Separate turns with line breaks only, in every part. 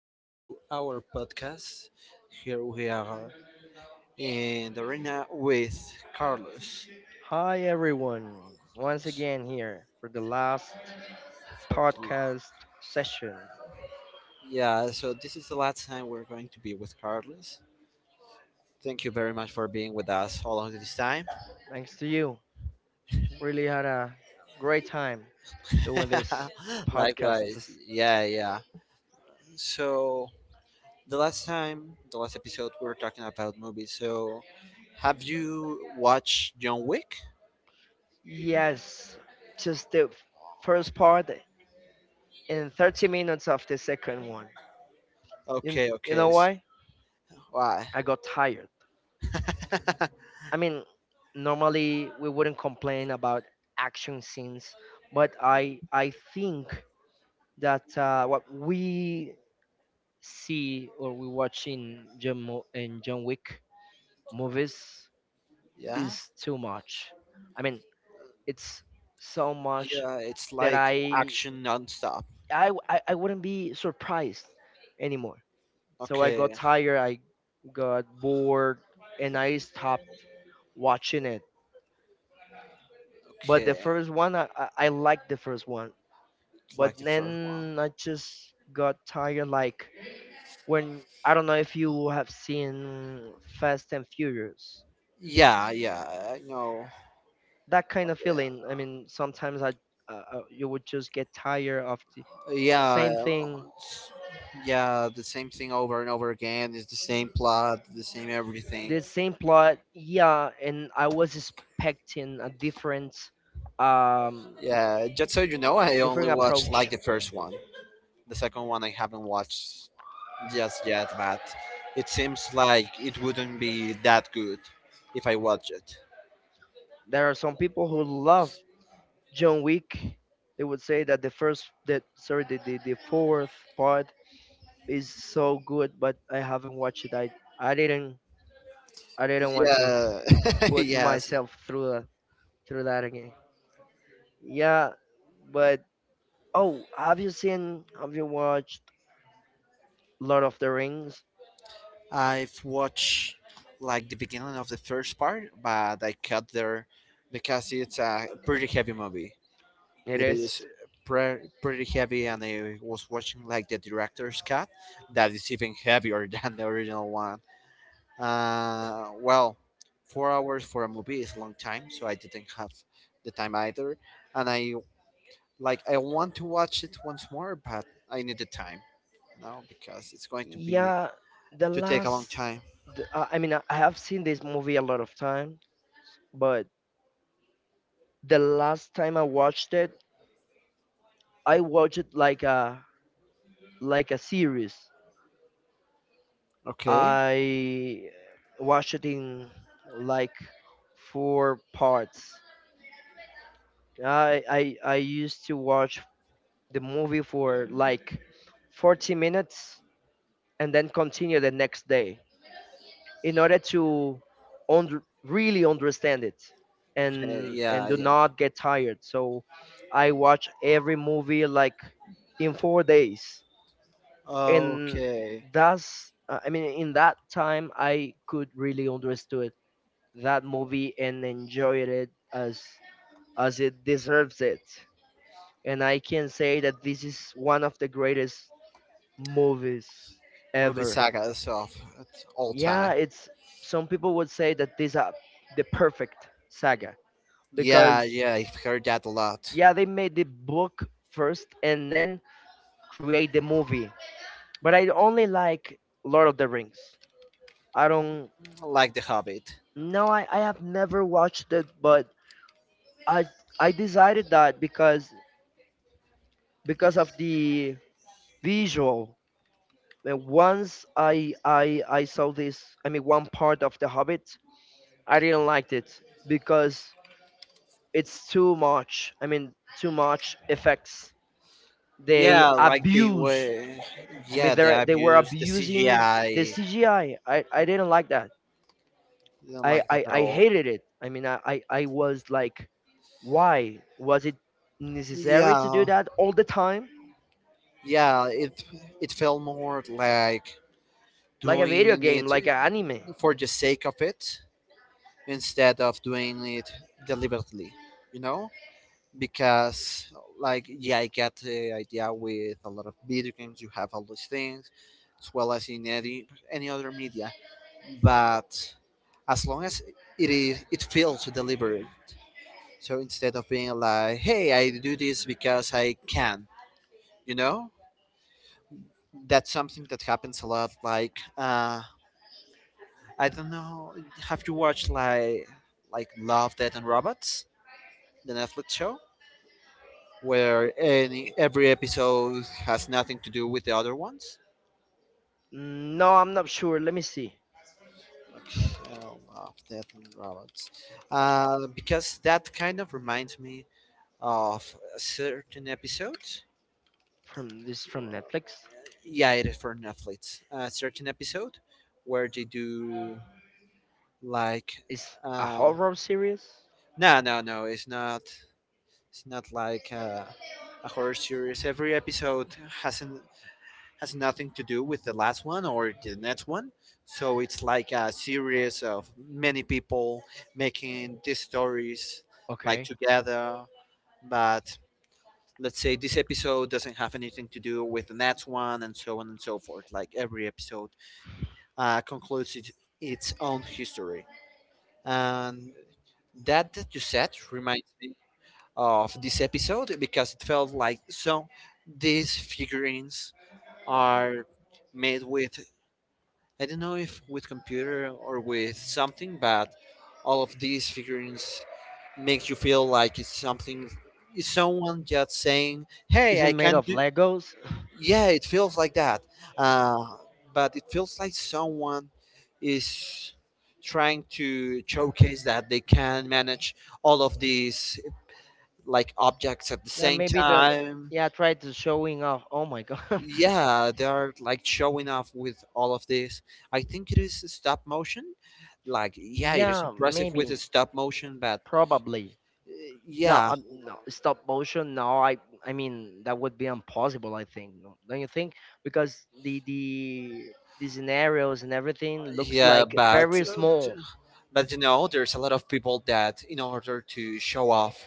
back to our podcast. Here we are in the arena with Carlos
Hi, everyone. Once again, here for the last
for the lab.
podcast session.
Yeah, so this is the last time we're going to be with Carlos. Thank you very much for being with us all of this time.
Thanks to you. Really had a great time doing this podcast.
Likewise. Yeah, yeah. So, the last time, the last episode, we were talking about movies. So, have you watched John Wick?
Yes, just the first part and 30 minutes of the second one. You,
Okay,
you know
okay. So,
why?
why?
I got tired. I mean, normally we wouldn't complain about action scenes, but I think that what we see or we watching John Mo- and John Wick movies
yeah?
is too much. I mean, it's so much
Yeah, it's
that
like
I
action nonstop.
I w- I, I wouldn't be surprised anymore. So I
Okay,
got tired, I got bored, and I stopped watching it. But the
okay,
first one, I liked the first one. But
like the first one.
then I just got tired. Like when I don't know if you have seen Fast and Furious,
Yeah, yeah, I know.
that kind of feeling. I mean, sometimes I you would just get tired of the
Yeah,
same thing,
yeah, the same thing over and over again. It's the same plot, the same everything.
the same plot. Yeah, and I was expecting a different, um,
Yeah, just so you
uh,
know, I only
different
watched like
approach.
the first one. The second one I haven't watched just yet, but it seems like it wouldn't be that good if I watch it.
There are some people who love John Wick. They would say that the first, that sorry, the fourth part is so good, but I haven't watched it. I didn't I didn't want to
Yeah,
put
yes.
myself through that again. Yeah, but oh, have you watched Lord of the Rings?
I've watched like the beginning of the first part, but I cut there because it's a pretty heavy movie.
It
It is
is.
pretty heavy, and I was watching like the director's cut that is even heavier than the original one. Well, 4 hours for a movie is a long time, so I didn't have the time either, and I want to watch it once more, but I need the time. No, because it's going to be
Yeah, the
to take a long
last,
time.
I mean, I have seen this movie a lot of time, but the last time I watched it like a series.
Okay.
I watched it in like four parts. I used to watch the movie for like 40 minutes and then continue the next day, in order to really understand it
Okay.
and
Yeah.
do
Yeah.
not get tired, so I watch every movie like in 4 days. And
Okay.
that's I mean, in that time I could really understood that movie and enjoyed it as it deserves it. And I can say that this is one of the greatest movies
Movie
ever.
saga itself of all
Yeah,
time.
it's some people would say that these are the perfect saga
Yeah.
because
Yeah. I've heard that a lot.
yeah, they made the book first and then create the movie. But I only like Lord of the Rings. I don't,
Like The Hobbit.
no, I, I have never watched it, but i I decided that because of the visual. And once I saw this, I mean one part of the Hobbit, I didn't like it because it's too much. I mean, too much effects. They
Yeah. Like they
abused.
were.
I mean,
Yeah. They
they were
abuse the
abusing the
CGI.
CGI. I didn't like that.
Do not
I,
like that
I,
at
I
all.
hated it. I mean, I was like, why was it necessary to do
Yeah,
that all the time?
yeah. It felt more like
Like a video
doing
game,
it
like an anime.
for the sake of it instead of doing it deliberately. You know? Because like, yeah, I get the idea. With a lot of video games you have all these things, as well as in any other media, but as long as it feels deliberate. So, instead of being like, hey, I do this because I can, you know, that's something that happens a lot. Like, I don't know, have you watched like Love Death and Robots, the Netflix show, where any every episode has nothing to do with the other ones?
No, I'm not sure. Let me see.
Like Hell of Death and Robots, because that kind of reminds me of a certain episode.
From this, from Netflix.
Yeah, it is for Netflix. A certain episode where they do like,
It's a
uh,
horror series.
no, no, no. It's not. It's not like. A horror series. Every episode has nothing to do with the last one or the next one. So it's like a series of many people making these stories, like,
Okay.
together. But let's say this episode doesn't have anything to do with the next one and so on and so forth. Like every episode, concludes it, its own history. And that that you said reminds me of this episode, because it felt like so these figurines are made with, I don't know if with computer or with something, but all of these figurines makes you feel like it's something, it's someone just saying,
Is
"Hey,
it
I
made
can
of
do."
Legos?
Yeah, it feels like that, uh, but it feels like someone is trying to showcase that they can manage all of these like objects at the
Yeah,
same
maybe the
time.
yeah tried to showing off. Oh my god.
Yeah, they are like showing off with all of this. I think it is stop motion. Like, yeah, it is
Yeah,
impressive with the
maybe,
stop motion, but
probably.
uh,
No,
yeah.
no stop motion. No, I mean that would be impossible. I think. No, don't you think? Because the scenarios and everything looks
Yeah,
like
but
very small,
you know, there's a lot of people that, in order to show off,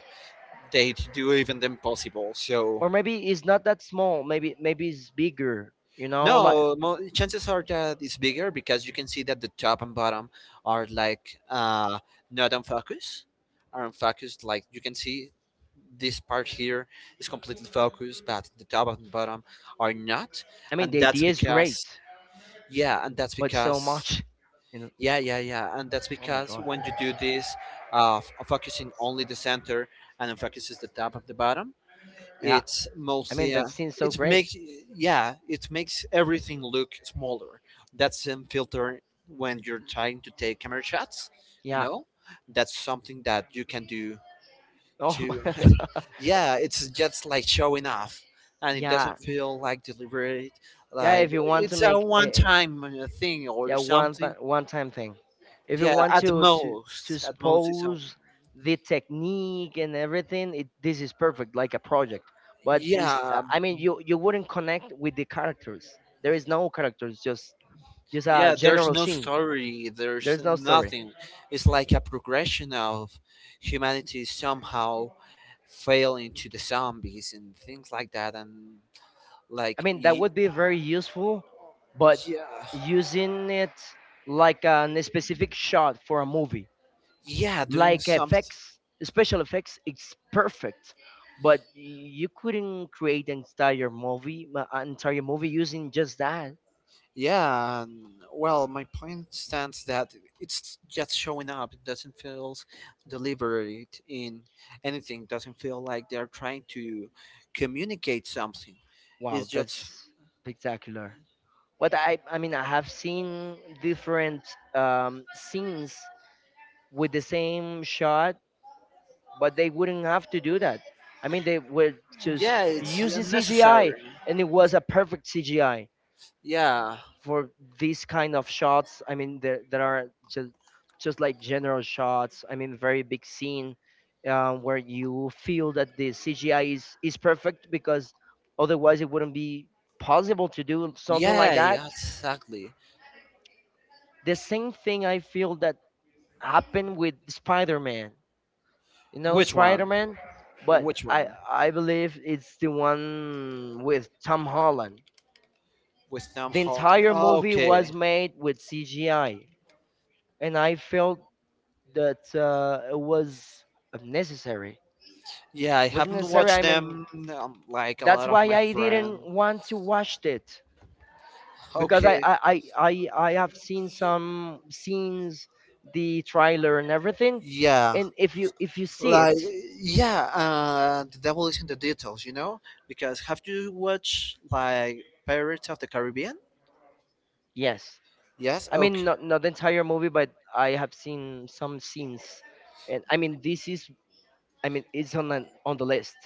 they do even the impossible, so
or maybe it's not that small. Maybe it's bigger. You know, like
know No, chances are that it's bigger, because you can see that the top and bottom are like, not on focus, are on focus. Like you can see this part here is completely focused, but the top and bottom are not,
I mean
and
the
that's
idea is
because,
great,
yeah, and that's
but so
because,
much. You know.
yeah, yeah, yeah, and that's
Oh my
because
god.
when you do this, focusing only the center, and then focuses the top of the bottom,
Yeah.
it's
I mean
mostly,
that seems so
it
great.
makes, yeah, it makes everything look smaller. That's a filter when you're trying to take camera shots, you
Yeah.
know, that's something that you can do
Oh
to,
my god.
yeah, it's just like showing off, and it
Yeah.
doesn't feel like deliberate.
Yeah,
Like,
if you want to
it's a
make
one
a
time thing or
yeah,
something.
one time thing. If you
Yeah,
want to to
at most it's a,
expose the technique and everything, it, this is perfect like a project. But is,
yeah.
I mean you wouldn't connect with the characters. There is no characters, just a
Yeah, there's
general
no
scene.
story, there's
There's no story.
nothing. It's like a progression of humanity somehow failing to the zombies and things like that, and
I
like
mean, that
y-
would be very useful, but
yeah.
using it like a specific shot for a movie,
Yeah, doing
like
something,
effects, special effects, it's perfect. But you couldn't create an entire movie, using just that.
yeah, and, well, my point stands that it's just showing up, it doesn't feel deliberate in anything, doesn't feel like they're trying to communicate something.
Wow,
It's just,
that's spectacular. But I mean, I have seen different scenes with the same shot, but they wouldn't have to do that. I mean, they were just
yeah, it's
using
unnecessary.
CGI, and it was a perfect CGI
Yeah.
for these kind of shots. I mean, there are just like general shots. I mean, very big scene where you feel that the CGI is perfect because otherwise it wouldn't be possible to do something like
Yeah,
that.
yeah, exactly.
The same thing I feel that happened with Spider-Man. You know
Which one?
Spider-Man, but
Which one?
I believe it's the one with Tom Holland.
With Tom
The
Holland.
entire movie
Okay.
was made with CGI, and I felt that it was unnecessary.
Yeah, I
Wasn't
haven't
necessary.
watched
I mean,
them, like a
that's
lot of
why
my
I
friends.
didn't want to watch it because
Okay.
I have seen some scenes, the trailer and everything,
Yeah.
and if you see
Like,
it,
yeah, the devil is in the details, you know? Because have you watched like Pirates of the Caribbean?
yes,
Yes,
I mean,
okay.
not the entire movie, but I have seen some scenes. And I mean, this is, I mean, it's on on the list.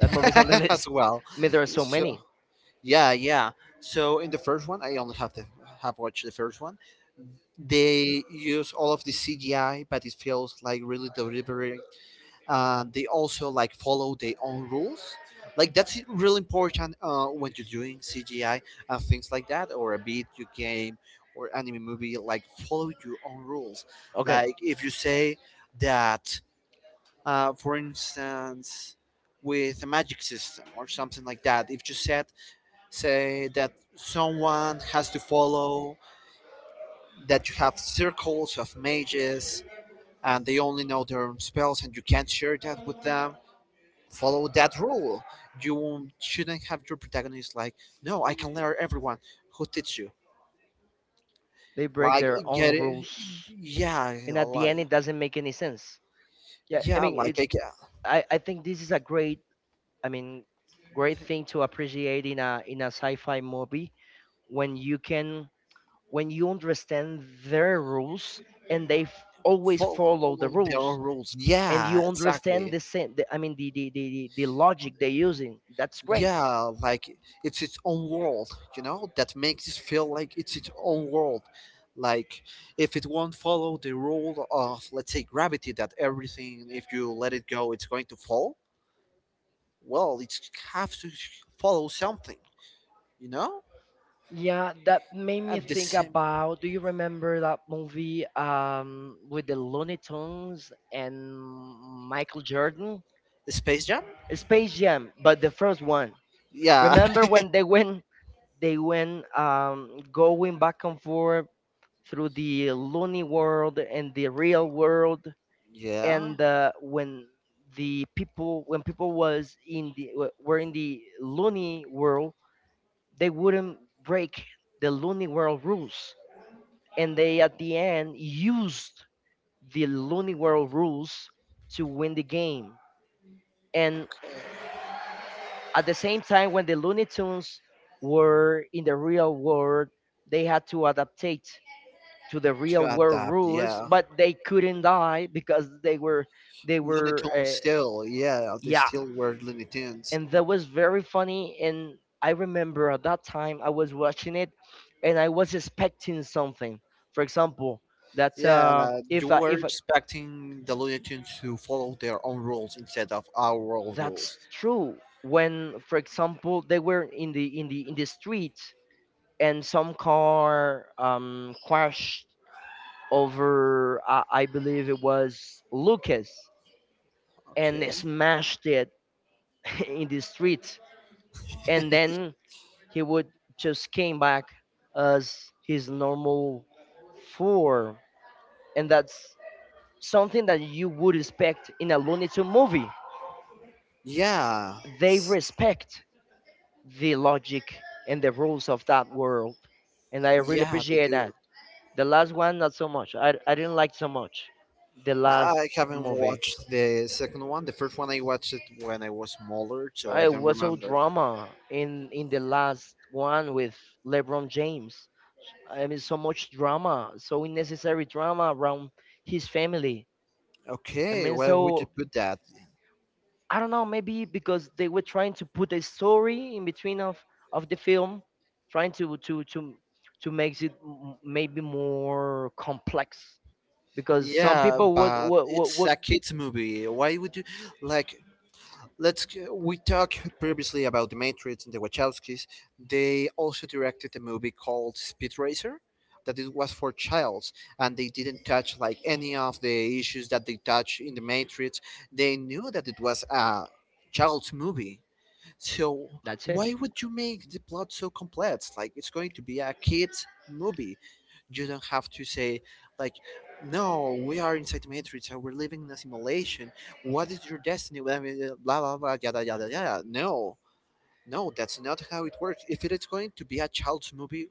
That movie's on the
as
list.
well.
I mean, there are so
So
many.
yeah, yeah. So in the first one, I only have watched the first one. They use all of the CGI, but it feels like really deliberate. They also like follow their own rules. Like that's really important, when you're doing CGI and things like that, or a video game or anime movie. Like, follow your own rules.
Okay,
Like, if you say that, for instance, with a magic system or something like that, if you set, say that someone has to follow that you have circles of mages, and they only know their own spells and you can't share that with them, follow that rule. You shouldn't have your protagonist like, no, I can learn everyone, who teach you,
they break
like,
their
get
own
it,
rules,
yeah,
and at the
like,
end, it doesn't make any sense. Yeah, I
yeah,
mean, it. I think this is a great, I mean, great thing to appreciate in a sci-fi movie when you can when you understand their rules and they always
follow
follow
all
the
of their
rules,
own rules.
and
Yeah,
you understand
exactly.
the I mean the logic they're using, that's great.
Yeah, like, it's its own world, you know, that makes it feel like it's its own world. Like, if it won't follow the rule of, let's say, gravity, that everything, if you let it go, it's going to fall, well it have to follow something, you know?
Yeah, that made me
At the
think
same,
about, do you remember that movie with the Looney Tunes and Michael Jordan?
Space Jam?
Space Jam, but the first one.
Yeah.
Remember when they went going back and forth through the Loony world and the real world,
Yeah.
and when the people when people was in the w- were in the Loony world, they wouldn't break the Loony world rules. And they at the end used the Loony world rules to win the game. And at the same time, when the Looney Tunes were in the real world, they had to adaptate to the
To
real world
adapt,
rules,
yeah.
but they couldn't die because they
Looney
were
Tunes still, yeah, they
yeah.
still were Looney Tunes.
And that was very funny. And I remember at that time I was watching it, and I was expecting something, for example, that
Yeah, you were
if I,
expecting the Looney Tunes to follow their own rules instead of our world
that's
rules.
true, when for example they were in the in the in the street and some car crashed over, I believe it was Lucas, and they
Okay.
smashed it in the street, and then he would just came back as his normal form. And that's something that you would expect in a Looney Tunes movie.
Yeah,
They respect the logic and the rules of that world, and I really
yeah, they
appreciate
do.
that. The last one, not so much. I didn't like so much the
I
last
I haven't
movie.
watched the second one. The first one I watched it when I was smaller, so I
I
don't
was so
remember.
drama in the last one with LeBron James. I mean, so much drama, so unnecessary drama around his family. I
Okay,
mean,
where would you
so
put that?
I don't know, maybe because they were trying to put a story in between of the film, trying to to make it maybe more complex. Because some
Yeah,
people would
but it's
would
a kids movie. Why would you like? Let's we talked previously about the Matrix and the Wachowskis. They also directed a movie called Speed Racer, that it was for childs, and they didn't touch like any of the issues that they touch in the Matrix. They knew that it was a child's movie. So
that's it.
why would you make the plot so complex? Like, it's going to be a kid's movie, you don't have to say like, no, we are inside the Matrix and we're living in a simulation, what is your destiny, blah, blah, blah, blah, yada, yada, yada, no. No, that's not how it works. If it is going to be a child's movie,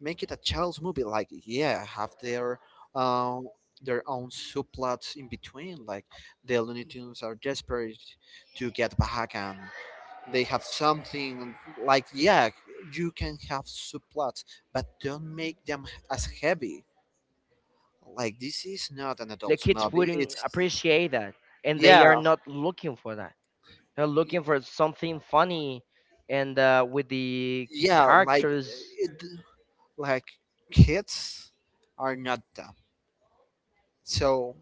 make it a child's movie. Like, yeah, have their, um their own subplots in between. Like, the Looney Tunes are desperate to get back, and they have something, like, yeah, you can have subplots, but don't make them as heavy. Like, this is not an
The
adult
kids
movie.
wouldn't
It's,
appreciate that, and they
yeah,
are not looking for that. They're looking for something funny and with the
yeah. Like
characters.
it, like, kids are not dumb, so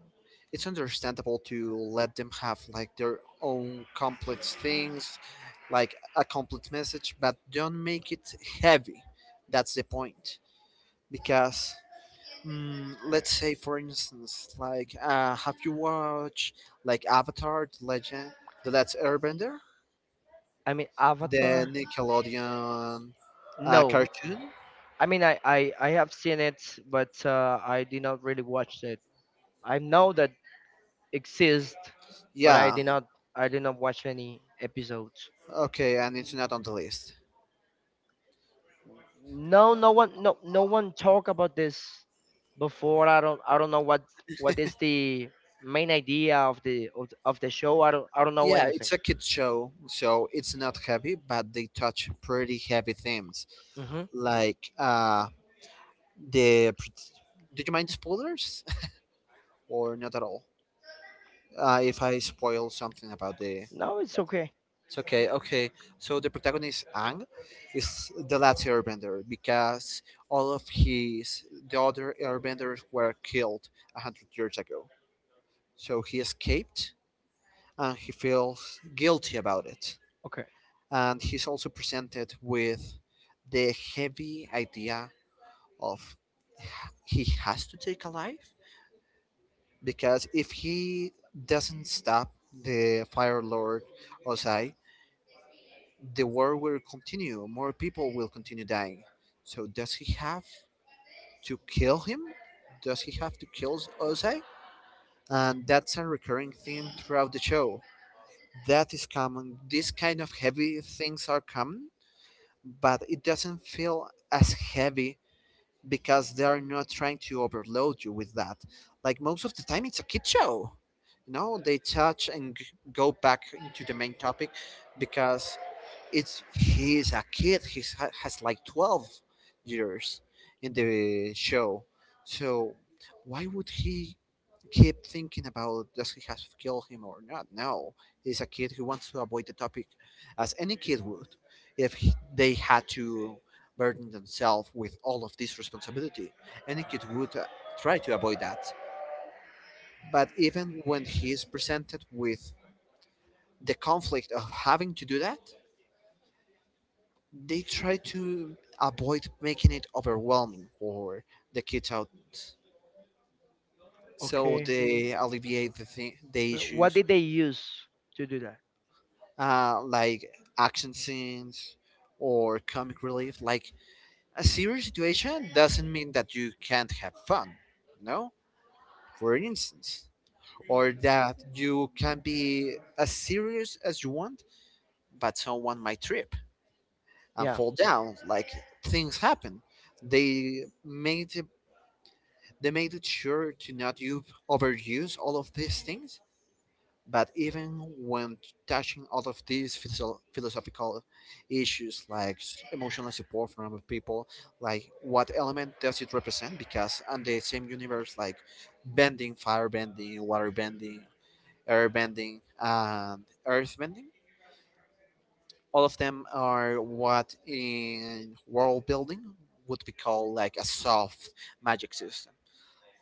it's understandable to let them have like their own complex things, like a complex message, but don't make it heavy. That's the point. Because, let's say, for instance, like, have you watched like Avatar: The Legend, The Last Airbender?
I mean,
The
Avatar.
Nickelodeon,
No,
cartoon.
I mean I have seen it, but I did not really watch it. I know that exists, but
Yeah,
I did not watch any episodes.
okay, and it's not on the list.
No, no one no no one talk about this before. I don't know what is the main idea of of the show. I don't know
Yeah,
anything.
it's a kid show, so it's not heavy, but they touch pretty heavy themes,
Hmm.
like, the. Did you mind spoilers, or not at all? If I spoil something
No, it's okay.
it's okay. Okay, so the protagonist Ang is the last Airbender, because all of his, the other Airbenders, were killed 100 years ago. So he escaped, and he feels guilty about it.
Okay.
And he's also presented with the heavy idea of, he has to take a life, because if he doesn't stop the Fire Lord Ozai, the war will continue. More people will continue dying. So does he have to kill him? Does he have to kill Ozai? And that's a recurring theme throughout the show. That is common. These kind of heavy things are common, but it doesn't feel as heavy because they are not trying to overload you with that. Like, most of the time, it's a kid show. You know, they touch and go back into the main topic, because it's, he is a kid. He has like 12 years in the show, so why would he keep thinking about does he have killed him or not? No, he's a kid who wants to avoid the topic, as any kid would, if they had to burden themselves with all of this responsibility. Any kid would try to avoid that. But even when he is presented with the conflict of having to do that, they try to avoid making it overwhelming for the kids out, so
Okay.
they alleviate the
What
issues
did they use to do that?
like action scenes or comic relief. Like a serious situation doesn't mean that you can't have fun, you know, for instance, or that you can be as serious as you want, but someone might trip and
Yeah.
fall down. Like things happen. They made it, they made it sure to not overuse all of these things. But even when touching all of these philosophical issues, like emotional support from other people, like what element does it represent? Because on the same universe, like bending, fire bending, water bending, air bending, and earth bending, all of them are what in world building would be called like a soft magic system.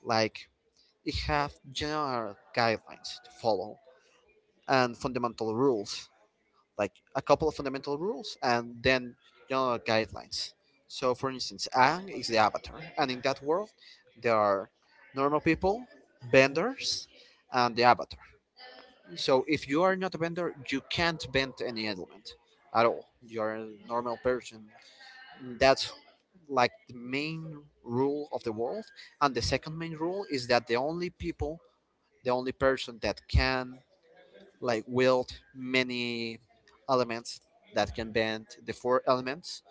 Like it have general guidelines to follow and fundamental rules, like a couple of fundamental rules and then general guidelines. So, for instance, Ang is the avatar, and in that world, there are normal people, benders, and the avatar. So, if you are not a bender, you can't bend any element at all. You are a normal person. That's like the main rule of the world. And the second main rule is that the only people, the only person that can like wield many elements, that can bend the four elements,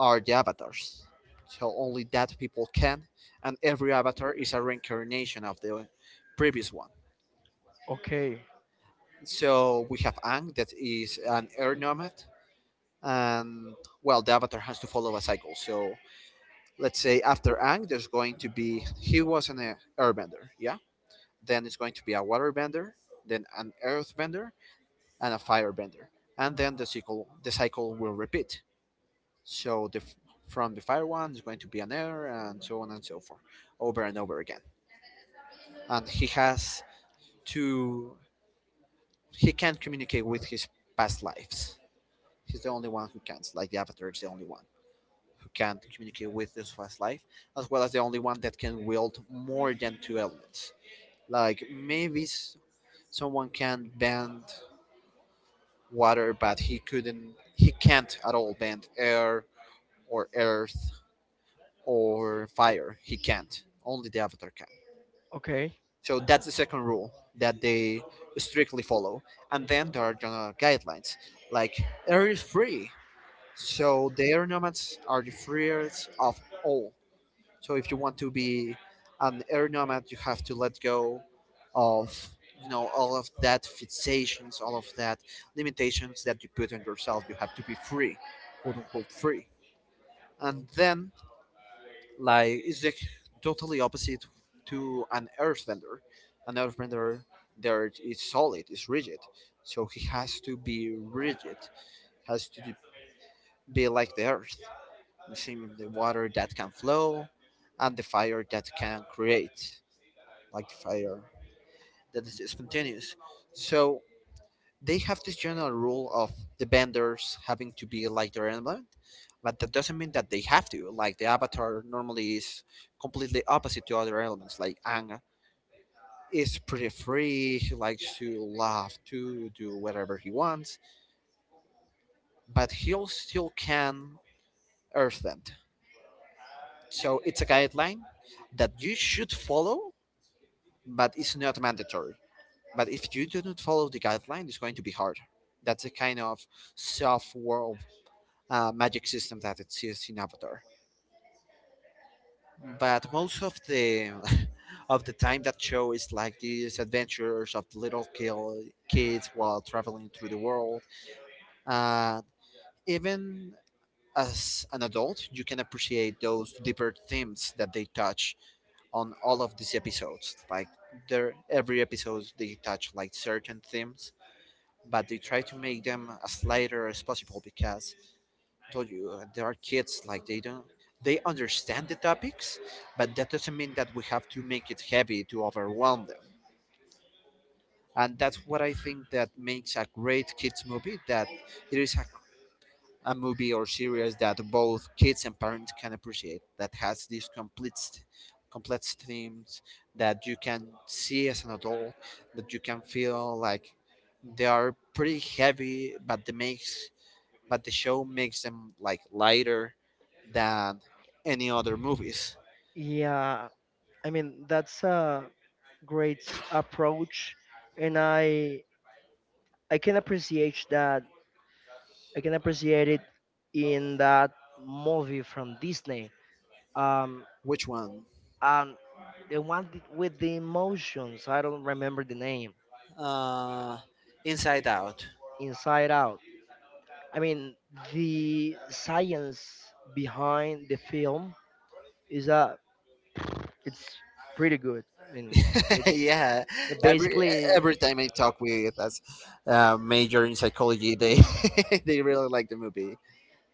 are the avatars. So only that people can, and every avatar is a reincarnation of the previous one.
Okay.
So we have Ang that is an air nomad, and well, the avatar has to follow a cycle. So let's say after Ang, there's going to be, he was an airbender, yeah. Then it's going to be a waterbender, then an earthbender, and a firebender, and then the cycle will repeat. So the from the fire one is going to be an air, and so on and so forth, over and over again. And he has to, he can not communicate with his past lives. He's the only one who can. Not Like the Avatar is the only one who can communicate with his past life, as well as the only one that can wield more than two elements. Like maybe someone can bend water, but he couldn't. He can't at all bend air or earth or fire. He can't. Only the Avatar can.
Okay.
So that's the second rule that they strictly follow. And then there are general guidelines, like air is free. So the air nomads are the freest of all. So if you want to be an air nomad, you have to let go of, you know, all of that fixations, all of that limitations that you put on yourself. You have to be free, quote unquote free. And then, like it's the totally opposite to an earthbender. An earthbender there is solid, is rigid. So he has to be rigid, has to be like the earth. The same the water that can flow and the fire that can create, like the fire that is spontaneous. So they have this general rule of the vendors having to be like their environment, but that doesn't mean that they have to. Like the avatar normally is completely opposite to other elements. Like Ang is pretty free, he likes to laugh, to do whatever he wants, but he still can earth bend. So it's a guideline that you should follow, but it's not mandatory. But if you do not follow the guideline, it's going to be hard. That's a kind of soft world. Magic system that exists in Avatar. But most of the of the time that show is like these adventures of little kids while traveling through the world. Uh, Even as an adult, you can appreciate those deeper themes that they touch on all of these episodes. Like there, every episode they touch like certain themes, but they try to make them as lighter as possible because told you there are kids, like they don't, they understand the topics, but that doesn't mean that we have to make it heavy to overwhelm them. And that's what I think that makes a great kids movie, that it is a movie or series that both kids and parents can appreciate, that has these complete complex themes that you can see as an adult, that you can feel like they are pretty heavy, but they make, but the show makes them like lighter than any other movies.
Yeah, I mean that's a great approach, and I can appreciate that. I can appreciate it in that movie from Disney. Um,
Which one?
um, the one with the emotions. I don't remember the name.
Uh, Inside Out.
Inside Out. I mean the science behind the film is that it's pretty good. I mean, it's
Yeah, every
basically
every time I talk with as major in psychology, they they really like the movie.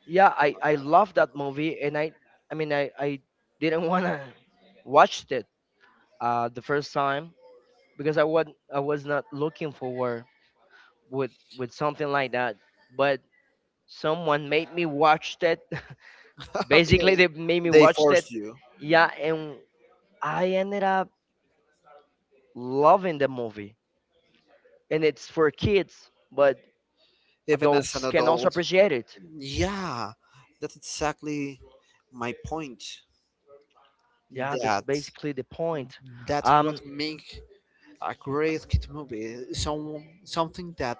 yeah. I love that movie, and I mean I didn't wanna watch it the first time because I was not looking forward with something like that, but someone made me watch it.
Okay,
Basically, they made me
they
watch it.
force you,
Yeah, and I ended up loving the movie, and it's for kids, but
even as an
adults can also
adult.
appreciate it.
Yeah, that's exactly my point.
Yeah, that's
That
basically the point.
that's what
Um,
make a great kid movie. Some something that,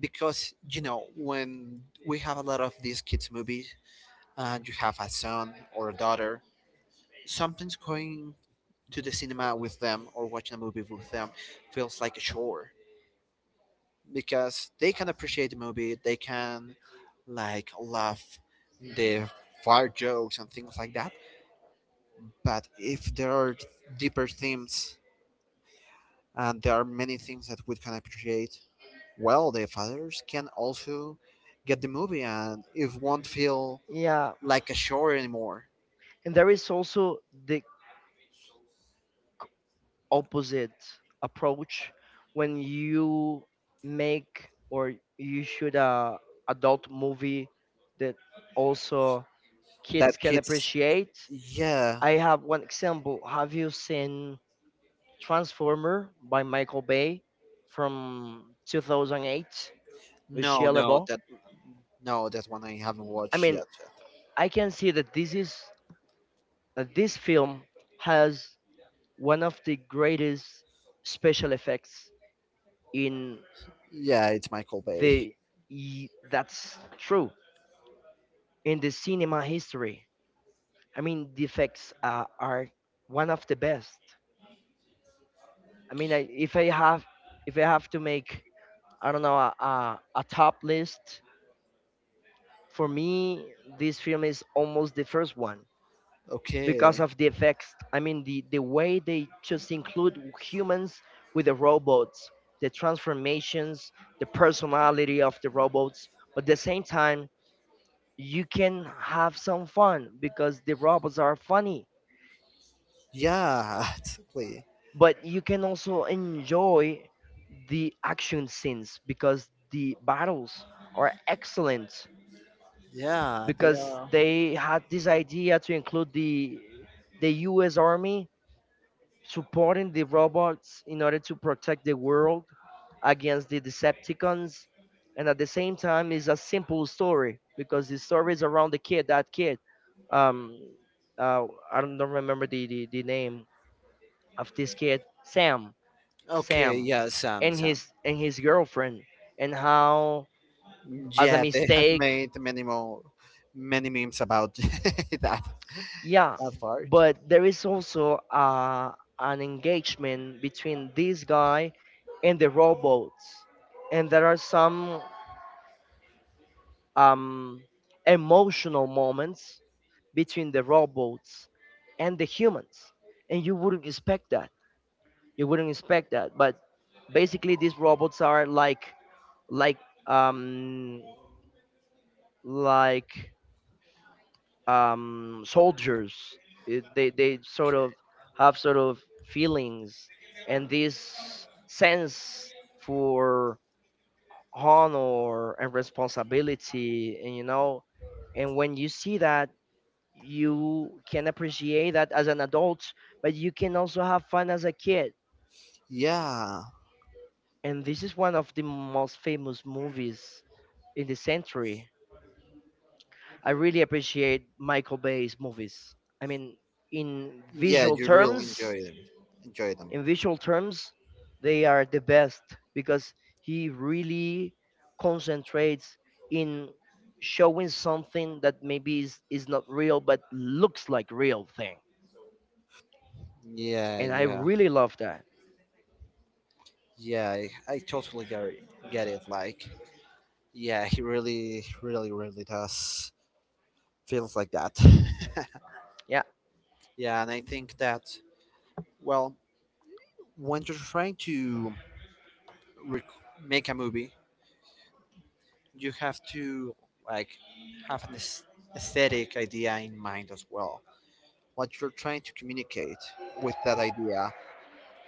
because you know when we have a lot of these kids movies and you have a son or a daughter, sometimes going to the cinema with them or watching a movie with them feels like a chore, because they can appreciate the movie, they can like laugh the fart jokes and things like that, but if there are deeper themes and there are many things that we can appreciate, well the fathers can also get the movie and it won't feel
yeah,
like a show anymore.
and there is also the opposite approach when you make or you shoot a adult movie that also
That
kids can
kids,
appreciate.
yeah,
I have one example. Have you seen Transformer by Michael Bay from 2008 with
no,
Shia
no,
LaBeouf?
that no, that one I haven't
I
watched
mean,
yet.
I can see that this is that this film has one of the greatest special effects in
Yeah, it's Michael Bay.
the that's true, in the cinema history. I mean the effects are one of the best. I mean if I have to make, I don't know, a top list, for me this film is almost the first one because
Okay,
of the effects. I mean, the way they just include humans with the robots, the transformations, the personality of the robots. But at the same time, you can have some fun because the robots are funny.
yeah, totally.
But you can also enjoy the action scenes because the battles are excellent,
Yeah, they
because
are.
they had this idea to include the US Army supporting the robots in order to protect the world against the Decepticons. And at the same time, it's a simple story because the story is around the kid, that kid. Um, uh, I don't remember the name of this kid, Sam,
Okay,
Sam,
yeah, Sam,
and
Sam.
his girlfriend, and how as a
Yeah, they have
mistake.
made many more, many memes about that that
Yeah,
part.
but there is also an engagement between this guy and the robots, and there are some um, emotional moments between the robots and the humans, and you wouldn't expect that. You wouldn't expect that, but basically these robots are like, like, um, like soldiers. It, they sort of have sort of feelings and this sense for honor and responsibility, and you know, and when you see that, you can appreciate that as an adult, but you can also have fun as a kid.
Yeah,
And this is one of the most famous movies in the century. I really appreciate Michael Bay's movies. I mean, in
yeah,
visual
you really
terms,
enjoy them. Enjoy them.
in visual terms, they are the best because he really concentrates in showing something that maybe is not real but looks like real thing.
Yeah,
And I
yeah.
really love that.
Yeah, I totally get it, get it. Like, yeah, he really, really, really does feels like that.
Yeah.
Yeah, and I think that, well, when you're trying to rec- make a movie, you have to like have an aesthetic idea in mind as well. What you're trying to communicate with that idea,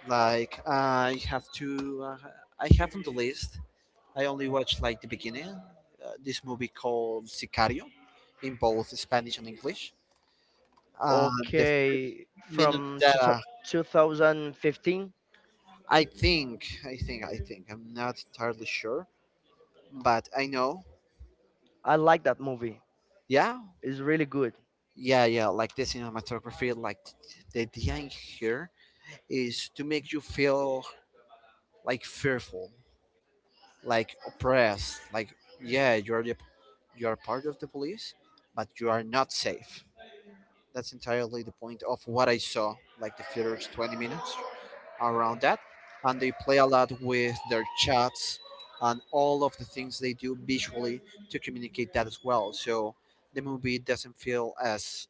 like I have to, I have on the list, I only watched like the beginning. This movie called Sicario, in both Spanish and English. Uh, the
Okay.
minute
From
that
2000 2015,
I think, I'm not entirely sure, but I know.
I like that movie.
Yeah,
It's really good.
yeah, yeah. Like the cinematography, like the idea in here is to make you feel like fearful, like oppressed, like yeah, you're the, you are part of the police, but you are not safe. That's entirely the point of what I saw, like the first 20 minutes around that. And they play a lot with their chats and all of the things they do visually to communicate that as well. So the movie doesn't feel as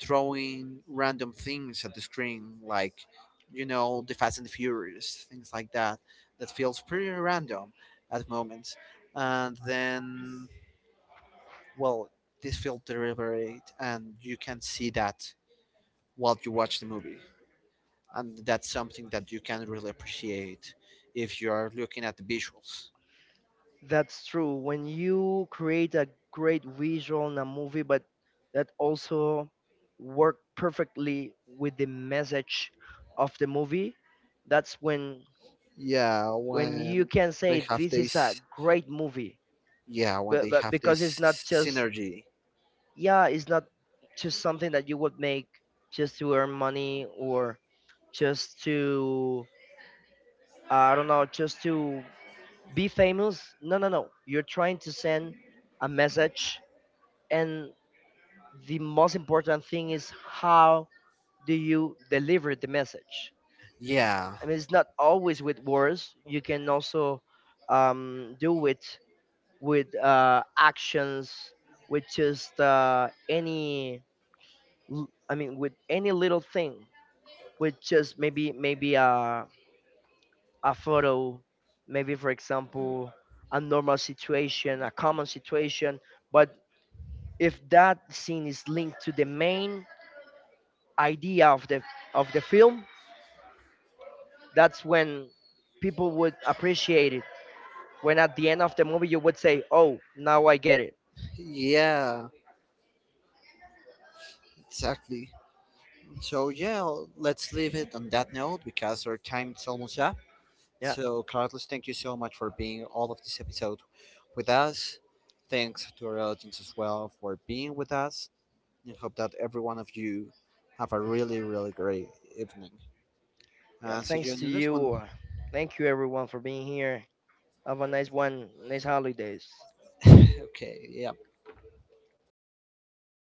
throwing random things at the screen, like, you know, the Fast and the Furious, things like that, that feels pretty random at moments. And then, well, this feels deliberate, and you can see that while you watch the movie. And that's something that you can really appreciate if you are looking at the visuals.
That's true. When you create a great visual in a movie, but that also work perfectly with the message of the movie, that's when
Yeah,
you
when
can say
they have
this is a
this,
great movie.
yeah, when they
But
have
because it's
this
not just,
synergy.
yeah, it's not just something that you would make just to earn money, or just to I don't know, just to be famous. No, no, no. You're trying to send a message, and the most important thing is how do you deliver the message.
Yeah,
I mean it's not always with words. You can also do it with actions, with just any I mean with any little thing, with just maybe a photo, maybe for example a common situation. But if that scene is linked to the main idea of the film, that's when people would appreciate it. When at the end of the movie you would say, "Oh, now I get it."
yeah, exactly. So yeah, let's leave it on that note because our time is almost up.
Yeah,
So Carlos, thank you so much for being all of this episode with us. Thanks to our audience as well for being with us. I hope that every one of you have a really, really great evening.
yeah.
And see you
Thanks
in
to
the next one.
you. Thank you everyone for being here. Have a nice one. Nice holidays.
Okay, yeah.